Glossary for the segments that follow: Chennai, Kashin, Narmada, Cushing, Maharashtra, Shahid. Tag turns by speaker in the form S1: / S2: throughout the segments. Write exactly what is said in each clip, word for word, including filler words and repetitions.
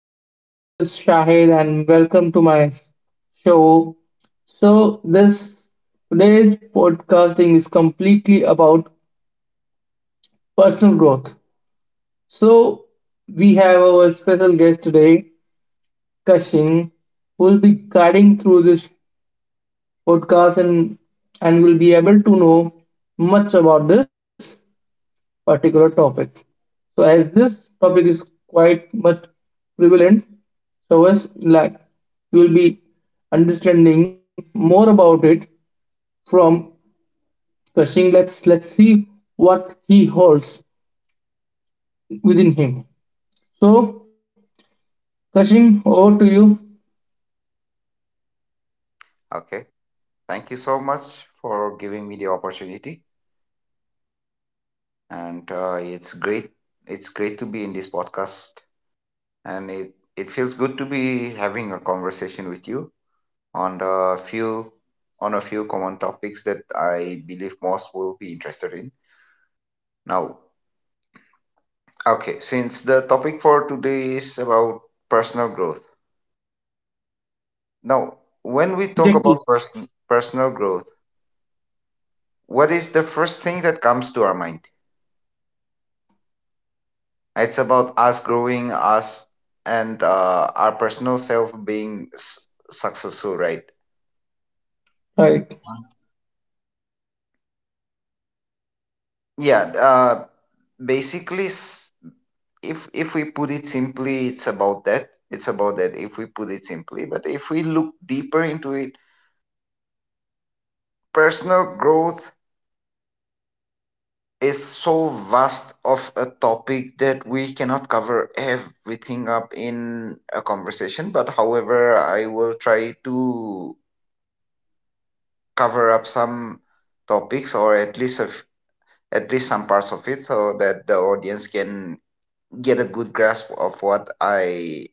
S1: everyone, this is Shahid and welcome to my show. So this today's podcasting is completely about personal growth. So we have our special guest today, Kashin, who will be guiding through this podcast and and will be able to know much about this. Particular topic. So as this topic is quite much prevalent, so as like you will be understanding more about it from Cushing. Let's let's see what he holds within him. So Cushing, over to you.
S2: Okay. Thank you so much for giving me the opportunity. And uh, It's great. It's great to be in this podcast. And it, it feels good to be having a conversation with you on a few on a few common topics that I believe most will be interested in. Now, okay, since the topic for today is about personal growth. Now, when we talk
S1: Exactly.
S2: about person, personal growth, what is the first thing that comes to our mind? It's about us growing us and uh, our personal self being s- successful, right?
S1: Right.
S2: Yeah. Uh, basically, s- if if we put it simply, it's about that. It's about that. If we put it simply, but if we look deeper into it, personal growth is so vast of a topic that we cannot cover everything up in a conversation. But however, I will try to cover up some topics or at least of at least some parts of it so that the audience can get a good grasp of what I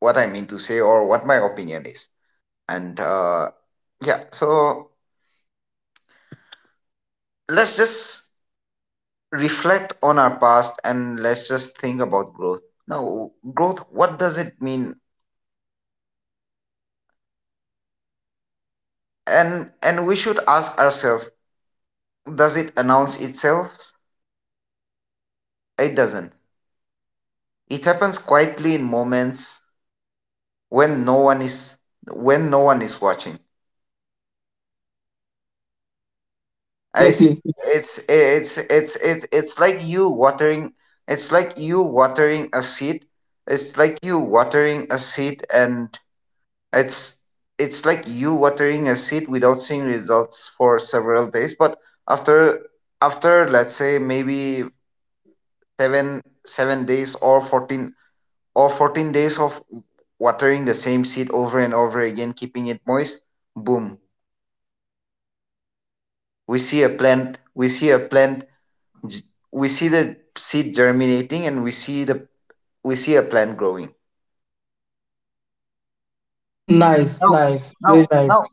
S2: what I mean to say or what my opinion is. And uh, yeah, so let's just reflect on our past and let's just think about growth. Now, growth, what does it mean? And and we should ask ourselves, does it announce itself? It doesn't. It happens quietly in moments, when no one is when no one is watching. I s
S1: Exactly.
S2: it's it's it's it, it's like you watering it's like you watering a seed it's like you watering a seed and it's it's like you watering a seed without seeing results for several days. But after after let's say maybe 7 7 days or fourteen or fourteen days of watering the same seed over and over again, keeping it moist. Boom, we see a plant we see a plant g- we see the seed germinating, and we see the we see a plant growing.
S1: Nice.
S2: No,
S1: Nice.
S2: no,
S1: Very nice.
S2: no,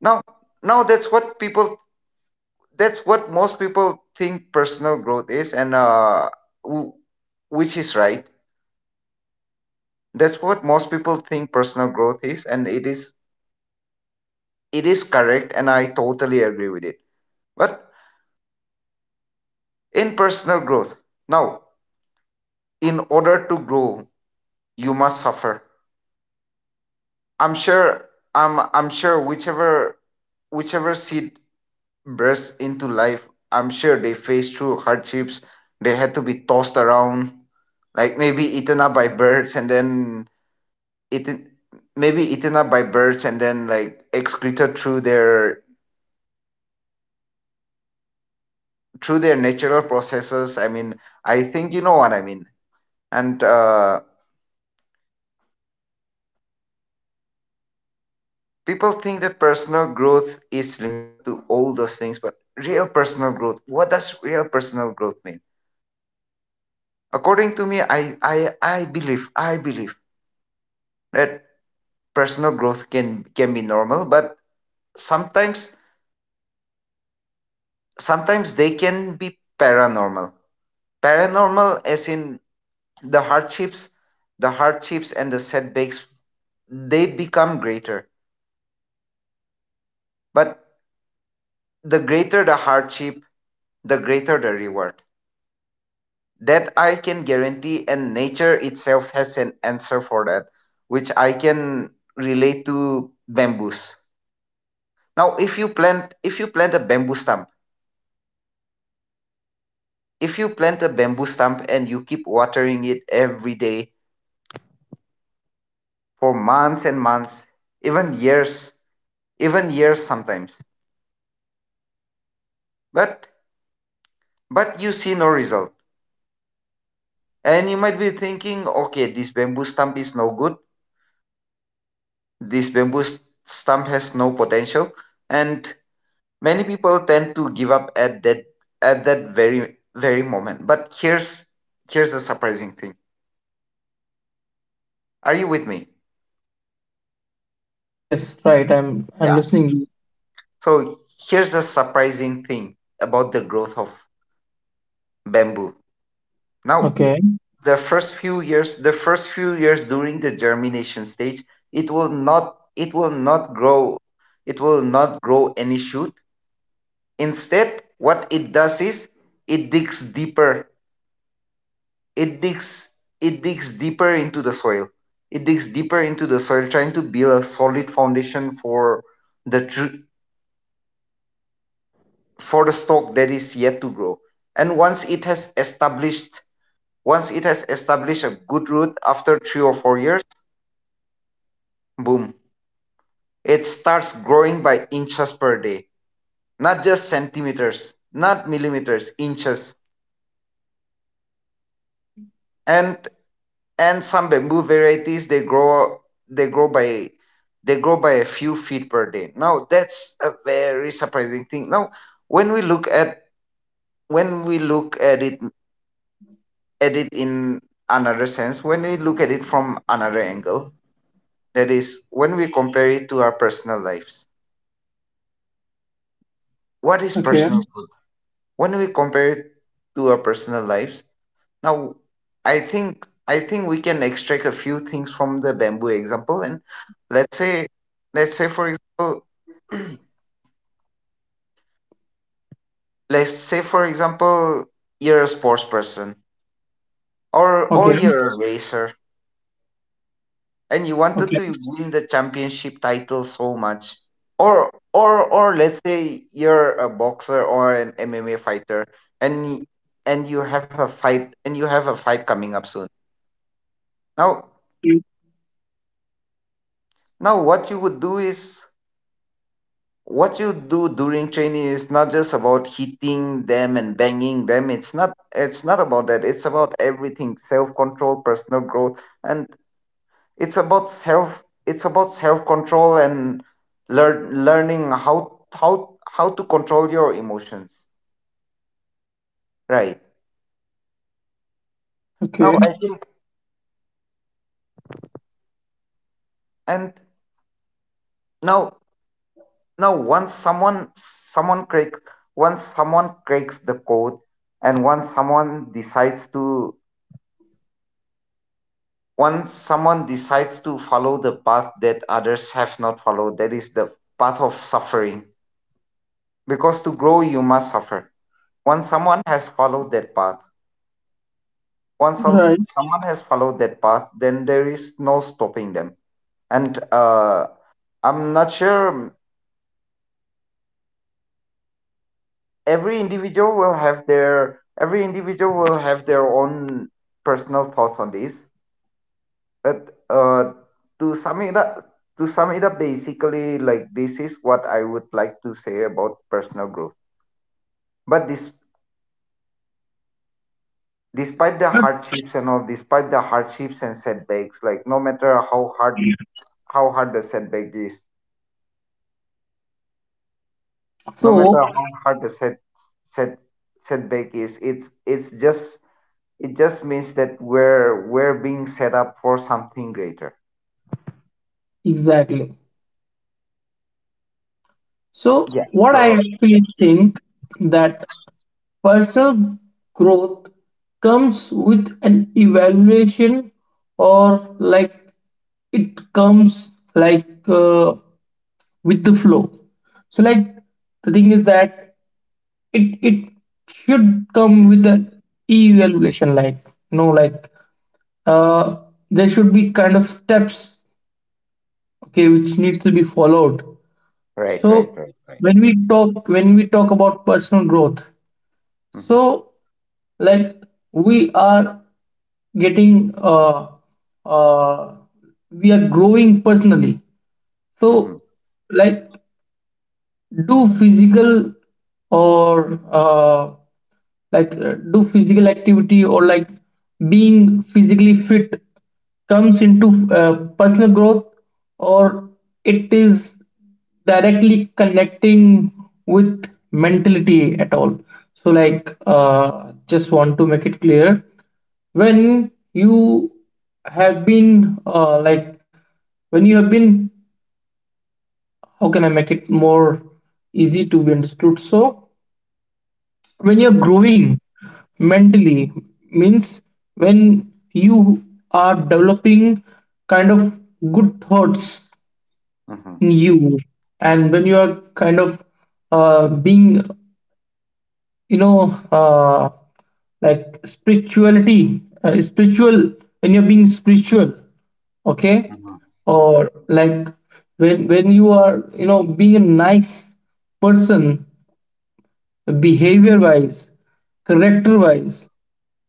S2: no, no. That's what people that's what most people think personal growth is, and uh w- which is right. That's what most people think personal growth is, and it is it is correct, and I totally agree with it. But in personal growth, now, in order to grow, you must suffer. I'm sure I'm I'm sure whichever whichever seed bursts into life. I'm sure they face through hardships. They had to be tossed around, like maybe eaten up by birds and then eaten maybe eaten up by birds, and then, like, excreted through their through their natural processes. I mean, I think you know what I mean. And uh, people think that personal growth is limited to all those things, but real personal growth, what does real personal growth mean? According to me, I, I, I believe, I believe that personal growth can, can be normal, but sometimes, sometimes they can be paranormal. Paranormal as in the hardships, the hardships and the setbacks, they become greater. But the greater the hardship, the greater the reward. That I can guarantee, and nature itself has an answer for that, which I can relate to bamboos. Now, if you plant if you plant a bamboo stump, if you plant a bamboo stump and you keep watering it every day for months and months, even years, even years sometimes. But but you see no result. And you might be thinking, okay, this bamboo stump is no good. This bamboo stump has no potential. And many people tend to give up at that at that very very moment. But here's here's the surprising thing. Are you with me?
S1: Yes. Yes. Right. I'm. I'm listening.
S2: So here's a surprising thing about the growth of bamboo. Now,
S1: Okay.
S2: the first few years, the first few years, during the germination stage, it will not it will not grow it will not grow any shoot. Instead, what it does is it digs deeper. It digs it digs deeper into the soil. It digs deeper into the soil trying to build a solid foundation for the tr- for the stalk that is yet to grow. And once it has established Once it has established a good root after three or four years, boom, it starts growing by inches per day. Not just centimeters, not millimeters, inches. And and some bamboo varieties, they grow they grow by they grow by a few feet per day. Now that's a very surprising thing. Now, when we look at when we look at it at it in another sense, when we look at it from another angle, that is when we compare it to our personal lives. What is
S1: Okay.
S2: personal growth when we compare it to our personal lives? Now, i think I think we can extract a few things from the bamboo example. And let's say let's say, for example, let's say for example you're a sports person, or or
S1: Okay.
S2: you're a racer, and you wanted
S1: Okay.
S2: to win the championship title so much. Or or or let's say you're a boxer or an M M A fighter, and and you have a fight and you have a fight coming up soon. Now, now what you would do is what you do during training is not just about hitting them and banging them. It's not it's not about that. It's about everything: self control, personal growth. And it's about self it's about self control, and learn learning how how how to control your emotions, right? Now,
S1: Okay.
S2: I think and now now once someone someone cracks once someone cracks the code, and once someone decides to once someone decides to follow the path that others have not followed, that is the path of suffering. Because to grow, you must suffer. once someone has followed that path once some,
S1: Right.
S2: someone has followed that path, then there is no stopping them. And uh, I'm not sure um, every individual will have their every individual will have their own personal thoughts on this. But uh, to sum it up to sum it up, basically, like, this is what I would like to say about personal growth. But this despite the hardships and all despite the hardships and setbacks, like, no matter how hard how hard the setback is. No matter
S1: So,
S2: how hard the set set setback is, it's it's just it just means that we're we're being set up for something greater.
S1: exactly. So,
S2: Yeah,
S1: what I
S2: so.
S1: actually think that personal growth comes with an evaluation, or like it comes like uh, with the flow. So, like the thing is that it it should come with an evaluation, like no, like uh, there should be kind of steps, okay, which needs to be followed.
S2: Right, right,
S1: So
S2: right, right.
S1: when we talk when we talk about personal growth,
S2: Mm-hmm.
S1: so like we are getting uh, uh, we are growing personally.
S2: Mm-hmm.
S1: So like do physical or uh, like uh, do physical activity, or like being physically fit comes into uh, personal growth, or it is directly connecting with mentality at all? So like uh, just want to make it clear, when you have been uh, like when you have been, how can I make it more easy to be understood? So when you're
S2: Mm-hmm.
S1: growing mentally means when you are developing kind of good thoughts
S2: Mm-hmm.
S1: in you, and when you are kind of uh, being, you know, uh, like spirituality, uh, spiritual, when you're being spiritual, okay,
S2: Mm-hmm.
S1: or like when when you are, you know, being a nice person, behavior wise, character
S2: Mm-hmm.
S1: wise.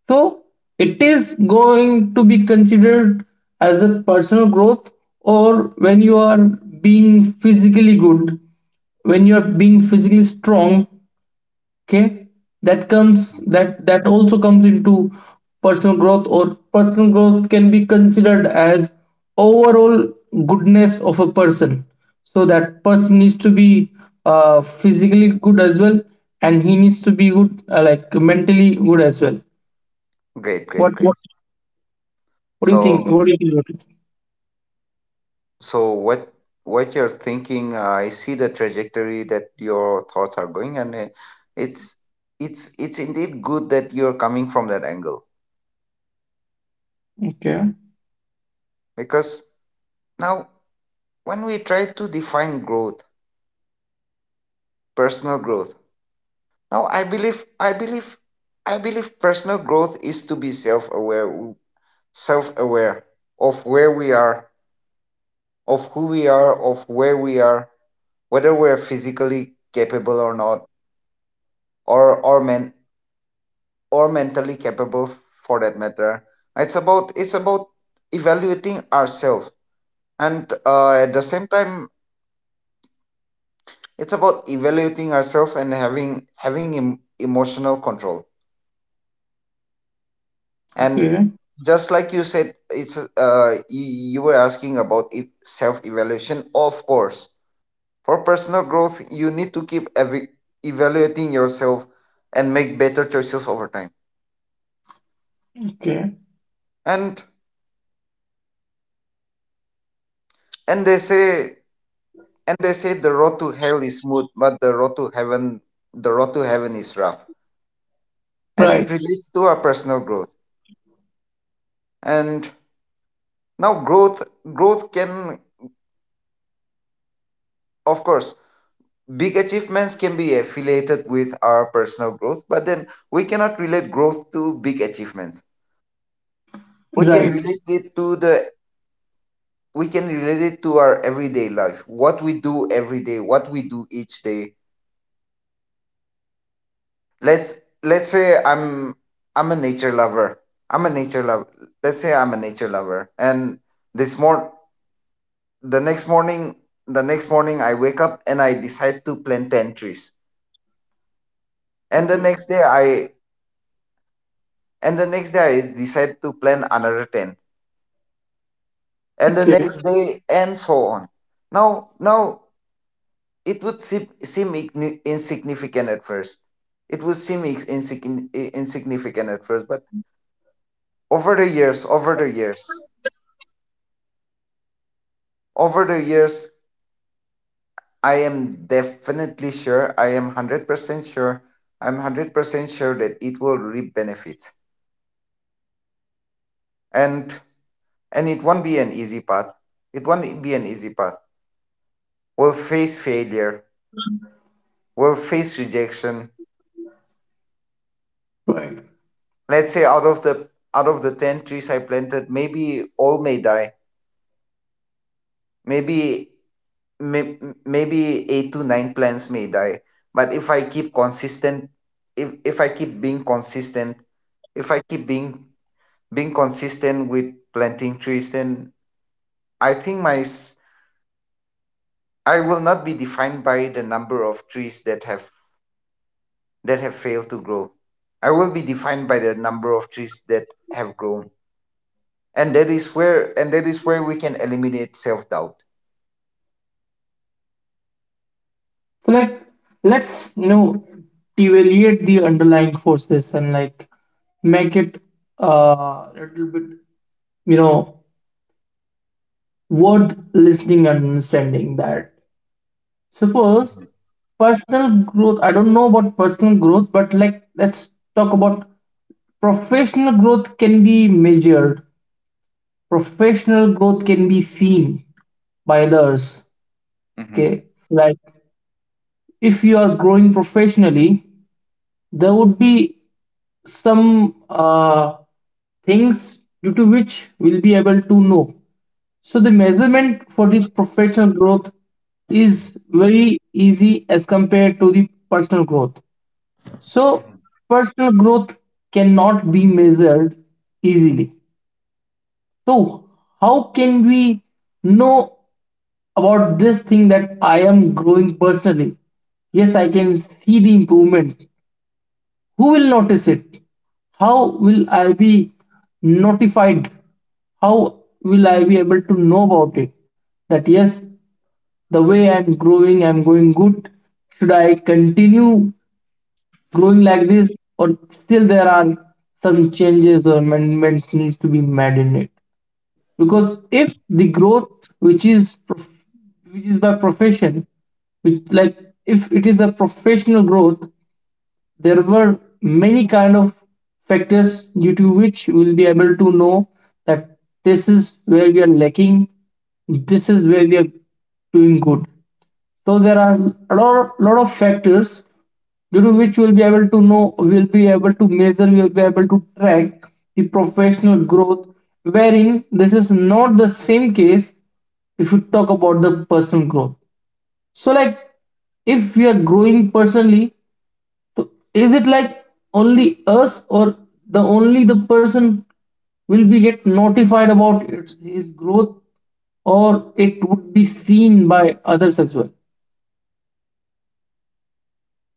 S1: So it is going to be considered as a personal growth, or when you are being physically good, when you are being physically strong, okay, that comes,
S2: Mm-hmm.
S1: that that also comes into personal growth. Or personal growth can be considered as overall goodness of a person, so that person needs to be uh, physically good as well, and he needs to be good, uh, like mentally good as well.
S2: Great, great,
S1: what
S2: great.
S1: what what do you think
S2: so
S1: what do you think about it?
S2: so what what you're thinking, uh, I see the trajectory that your thoughts are going, and uh, it's it's it's indeed good that you're coming from that angle.
S1: Okay.
S2: Because now, when we try to define growth, personal growth, now i believe i believe I believe personal growth is to be self-aware. Self-aware of where we are of who we are, of where we are, whether we're physically capable or not, or or men or mentally capable, for that matter. It's about, it's about evaluating ourselves, and uh, at the same time, it's about evaluating ourselves and having having em- emotional control. And
S1: Okay.
S2: just like you said, it's uh you, you were asking about, if self evaluation, of course, for personal growth you need to keep ev- evaluating yourself and make better choices over time.
S1: Okay.
S2: And and they say and they say the road to hell is smooth, but the road to heaven the road to heaven is rough. And it
S1: Right.
S2: relates to our personal growth. And now, growth, growth can of course, big achievements can be affiliated with our personal growth, but then we cannot relate growth to big achievements. We can
S1: Right.
S2: relate it to the we can relate it to our everyday life, what we do every day, what we do each day. Let's let's say I'm I'm a nature lover. I'm a nature lover. Let's say I'm a nature lover, and this mor the next morning the next morning I wake up and I decide to plant ten trees. And the
S1: Okay.
S2: next day I and the next day I decide to plant another ten, and the
S1: Okay.
S2: next day, and so on. Now now it would seem, seem igni- insignificant at first. It would seem ex- insigni- I- Insignificant at first, but over the years over the years, over the years, i am definitely sure I am one hundred percent sure. I'm one hundred percent sure that it will reap benefits. And and it won't be an easy path it won't be an easy path. We'll face failure. We'll face rejection.
S1: Right.
S2: Let's say out of the out of the ten trees I planted, maybe all may die. maybe may, Maybe eight to nine plants may die. But if i keep consistent if, if I keep being consistent if I keep being being consistent with planting trees, then I think my s- I will not be defined by the number of trees that have that have failed to grow. I will be defined by the number of trees that have grown. And that is where and that is where we can eliminate self doubt.
S1: So like, let's, you know, evaluate the underlying forces and like make it uh a little bit, you know, worth listening and understanding. That suppose personal growth, I don't know about personal growth, but like let's talk about professional growth Can be measured professional growth, can be seen by others.
S2: Mm-hmm.
S1: Okay, like if you are growing professionally, there would be some uh, things due to which we'll be able to know. So the measurement for the professional growth is very easy as compared to the personal growth. So personal growth cannot be measured easily. So how can we know about this thing, that I am growing personally? Yes, I can see the improvement. Who will notice it? How will I be notified? How will I be able to know about it? That yes, the way I'm growing, I'm going good. Should I continue growing like this, or still there are some changes or amendments needs to be made in it? Because if the growth, which is prof- which is by profession, which like if it is a professional growth, there were many kind of factors due to which we will be able to know that this is where we are lacking, this is where we are doing good. So there are a lot, lot of factors due to which we'll be able to know, we'll be able to measure, we'll be able to track the professional growth. Wherein this is not the same case if you talk about the personal growth. So like if we are growing personally, so is it like only us, or the only the person will be get notified about its, his growth, or it would be seen by others as well?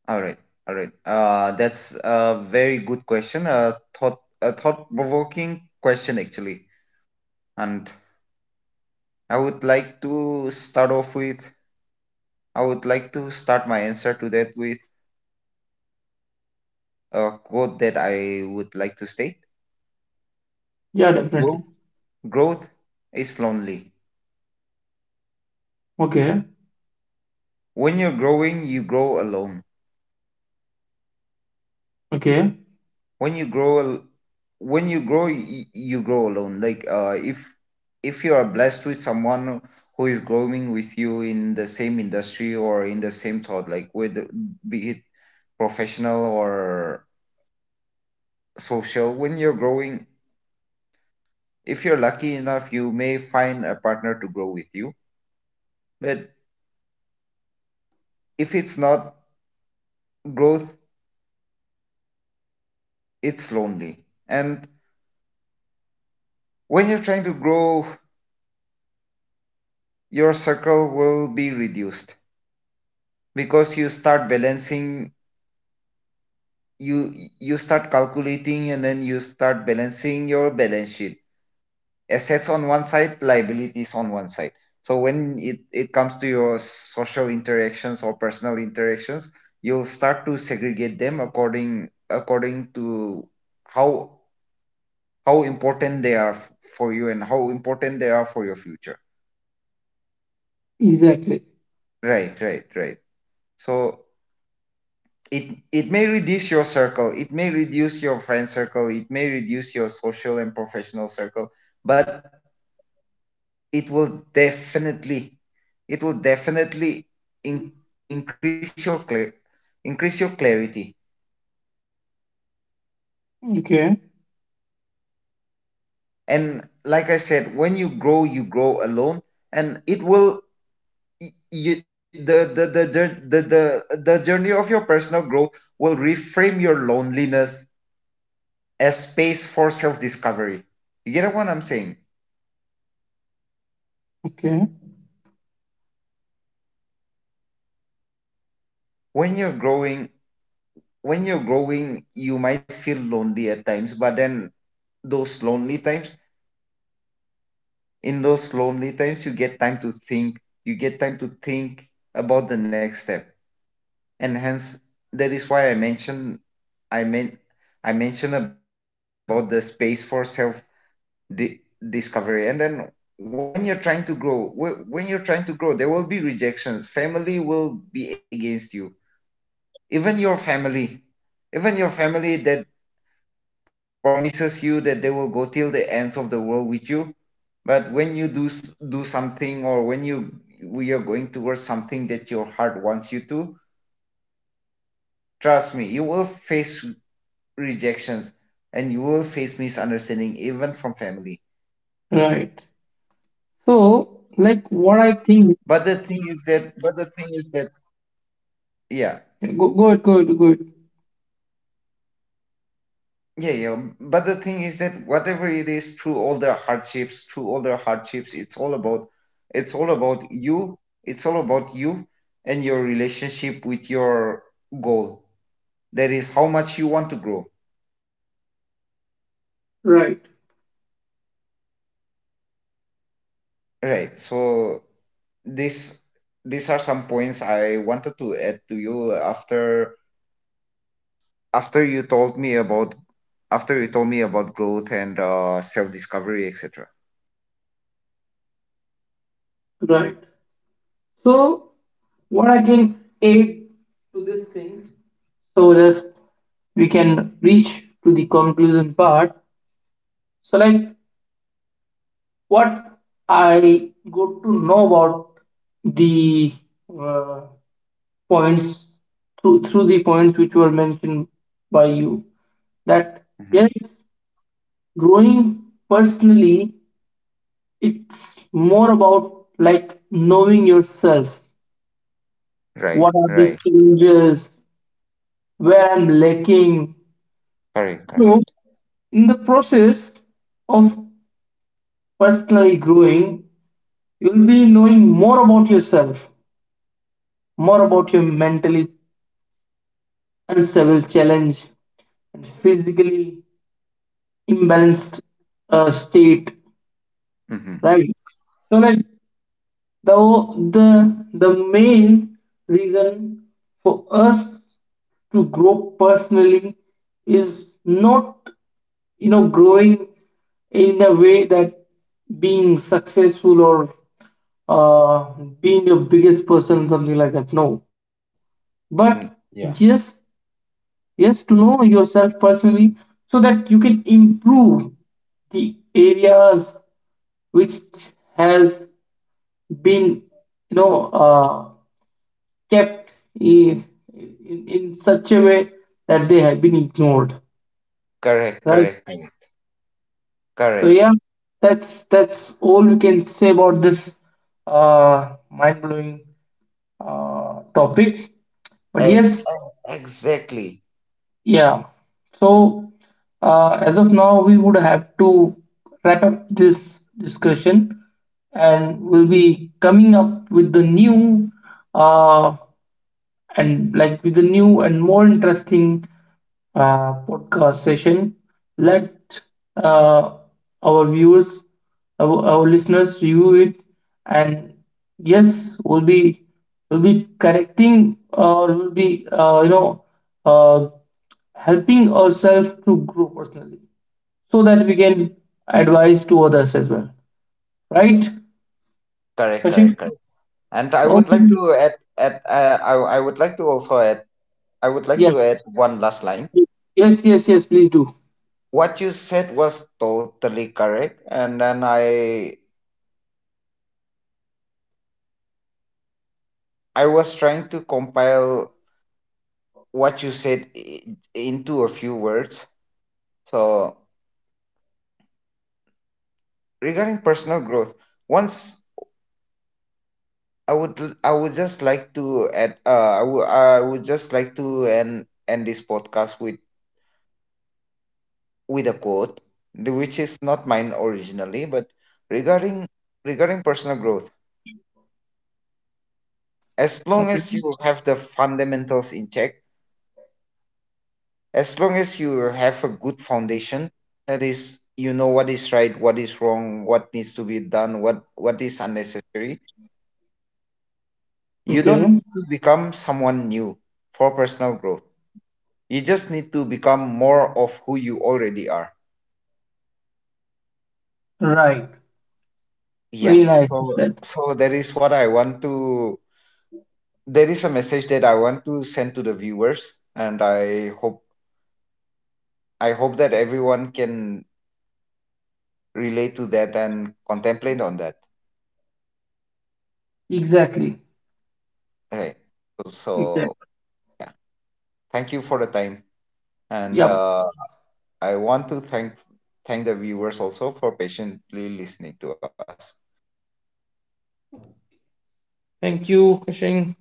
S2: All right, all right. Uh, that's a very good question. Uh, thought a thought-provoking question actually. And I would like to start off with. I would like to start my answer to that with a quote that I would like to state.
S1: Yeah,
S2: Growth,
S1: definitely.
S2: growth is lonely.
S1: Okay.
S2: When you're growing, you grow alone.
S1: Okay.
S2: when you grow al- when you grow y- you grow alone, like uh if if you are blessed with someone who is growing with you in the same industry or in the same thought, like with, be it professional or social. When you're growing, if you're lucky enough, you may find a partner to grow with you, but if it's not, growth, it's lonely. And when you're trying to grow, your circle will be reduced, because you start balancing, you you start calculating, and then you start balancing your balance sheet: assets on one side, liabilities on one side. So when it, it comes to your social interactions or personal interactions, you'll start to segregate them according according to how how important they are f- for you, and how important they are for your future.
S1: Exactly.
S2: Right, right, right. So it it may reduce your circle, it may reduce your friend circle, it may reduce your social and professional circle. But it will definitely, it will definitely in, increase your clear, increase your clarity.
S1: Okay.
S2: And like I said, when you grow, you grow alone. And it will y- you, the, the, the jour- the the the journey of your personal growth will reframe your loneliness as space for self discovery. You get what I'm saying?
S1: Okay.
S2: When you're growing, when you're growing you might feel lonely at times, but then, those lonely times, in those lonely times, you get time to think, you get time to think about the next step. And hence, that is why I mentioned, i mean, I mentioned about the space for self di- discovery. And then when you're trying to grow, wh- when you're trying to grow, there will be rejections, family will be against you, even your family, even your family that promises you that they will go till the ends of the world with you. But when you do s- do something, or when you, we are going towards something that your heart wants you to, trust me, you will face rejections, and you will face misunderstanding even from family.
S1: Right. So, like what I
S2: But
S1: think,
S2: the thing is that but the thing is that, yeah.
S1: go, go ahead, go ahead, go ahead.
S2: Yeah, yeah. But the thing is that, whatever it is, through all their hardships, through all their hardships, it's all about, it's all about you. It's all about you and your relationship with your goal. That is how much you want to grow.
S1: Right.
S2: Right. So this, these are some points I wanted to add to you after, after you told me about after you told me about growth and uh, self discovery, et cetera
S1: Right. So, what I can add to this thing, so just we can reach to the conclusion part. So like what I got to know about the uh, points through through the points which were mentioned by you, that yes,
S2: Hmm.
S1: growing personally, it's more about like knowing yourself, what are the
S2: Right, right.
S1: changes, where I'm lacking. So
S2: Correct, correct.
S1: in the process of personally growing, you'll be knowing more about yourself, more about your mentally unstable challenge, and physically imbalanced uh, state, right?
S2: Hmm.
S1: So like the the the main reason for us to grow personally is not, you know, growing in a way that being successful or uh, being your biggest person, something like that, no, but
S2: Mm.
S1: just
S2: Yeah.
S1: yes, to know yourself personally, so that you can improve the areas which has been, you know, uh, kept in, in in such a way that they have been ignored,
S2: Correct,
S1: right?
S2: correct, I know.
S1: So
S2: Correct.
S1: yeah, that's that's all we can say about this uh, mind-blowing uh, topic. But
S2: Ex- ex-
S1: yes,
S2: Exactly.
S1: yeah. So uh, as of now, we would have to wrap up this discussion, and we'll be coming up with the new, uh, and like with a new and more interesting uh, podcast session. Let uh, our viewers, our, our listeners review it, and yes, we'll be, we'll be correcting, or we'll be, uh, you know uh, helping ourselves to grow personally, so that we can advise to others as well. Right,
S2: Correct,
S1: Kashin?
S2: correct, correct. And I would like
S1: Okay.
S2: to add, add uh, I, I would like to also add, I would like to
S1: Yes.
S2: add one last line.
S1: Yes. Yes. Yes. Please do.
S2: What you said was totally correct, and then I I was trying to compile what you said i- into a few words. So regarding personal growth, once, I would l- I would just like to add, uh I would I would just like to end end this podcast with with a quote, the- which is not mine originally, but regarding, regarding personal growth, as long
S1: Okay.
S2: as you have the fundamentals in check, as long as you have a good foundation, that is, you know, what is right, what is wrong, what needs to be done, what what is unnecessary, you don't
S1: Okay.
S2: need to become someone new for personal growth. You just need to become more of who you already are.
S1: Right.
S2: Yeah.
S1: Very nice. You
S2: So,
S1: said.
S2: so that is what I want to. There is a message that I want to send to the viewers, and I hope, I hope that everyone can relate to that and contemplate on that.
S1: Exactly.
S2: Right. So, so
S1: Exactly.
S2: yeah. Thank you for the time, and
S1: Yep.
S2: uh, I want to thank thank the viewers also for patiently listening to us.
S1: Thank you, Kashing.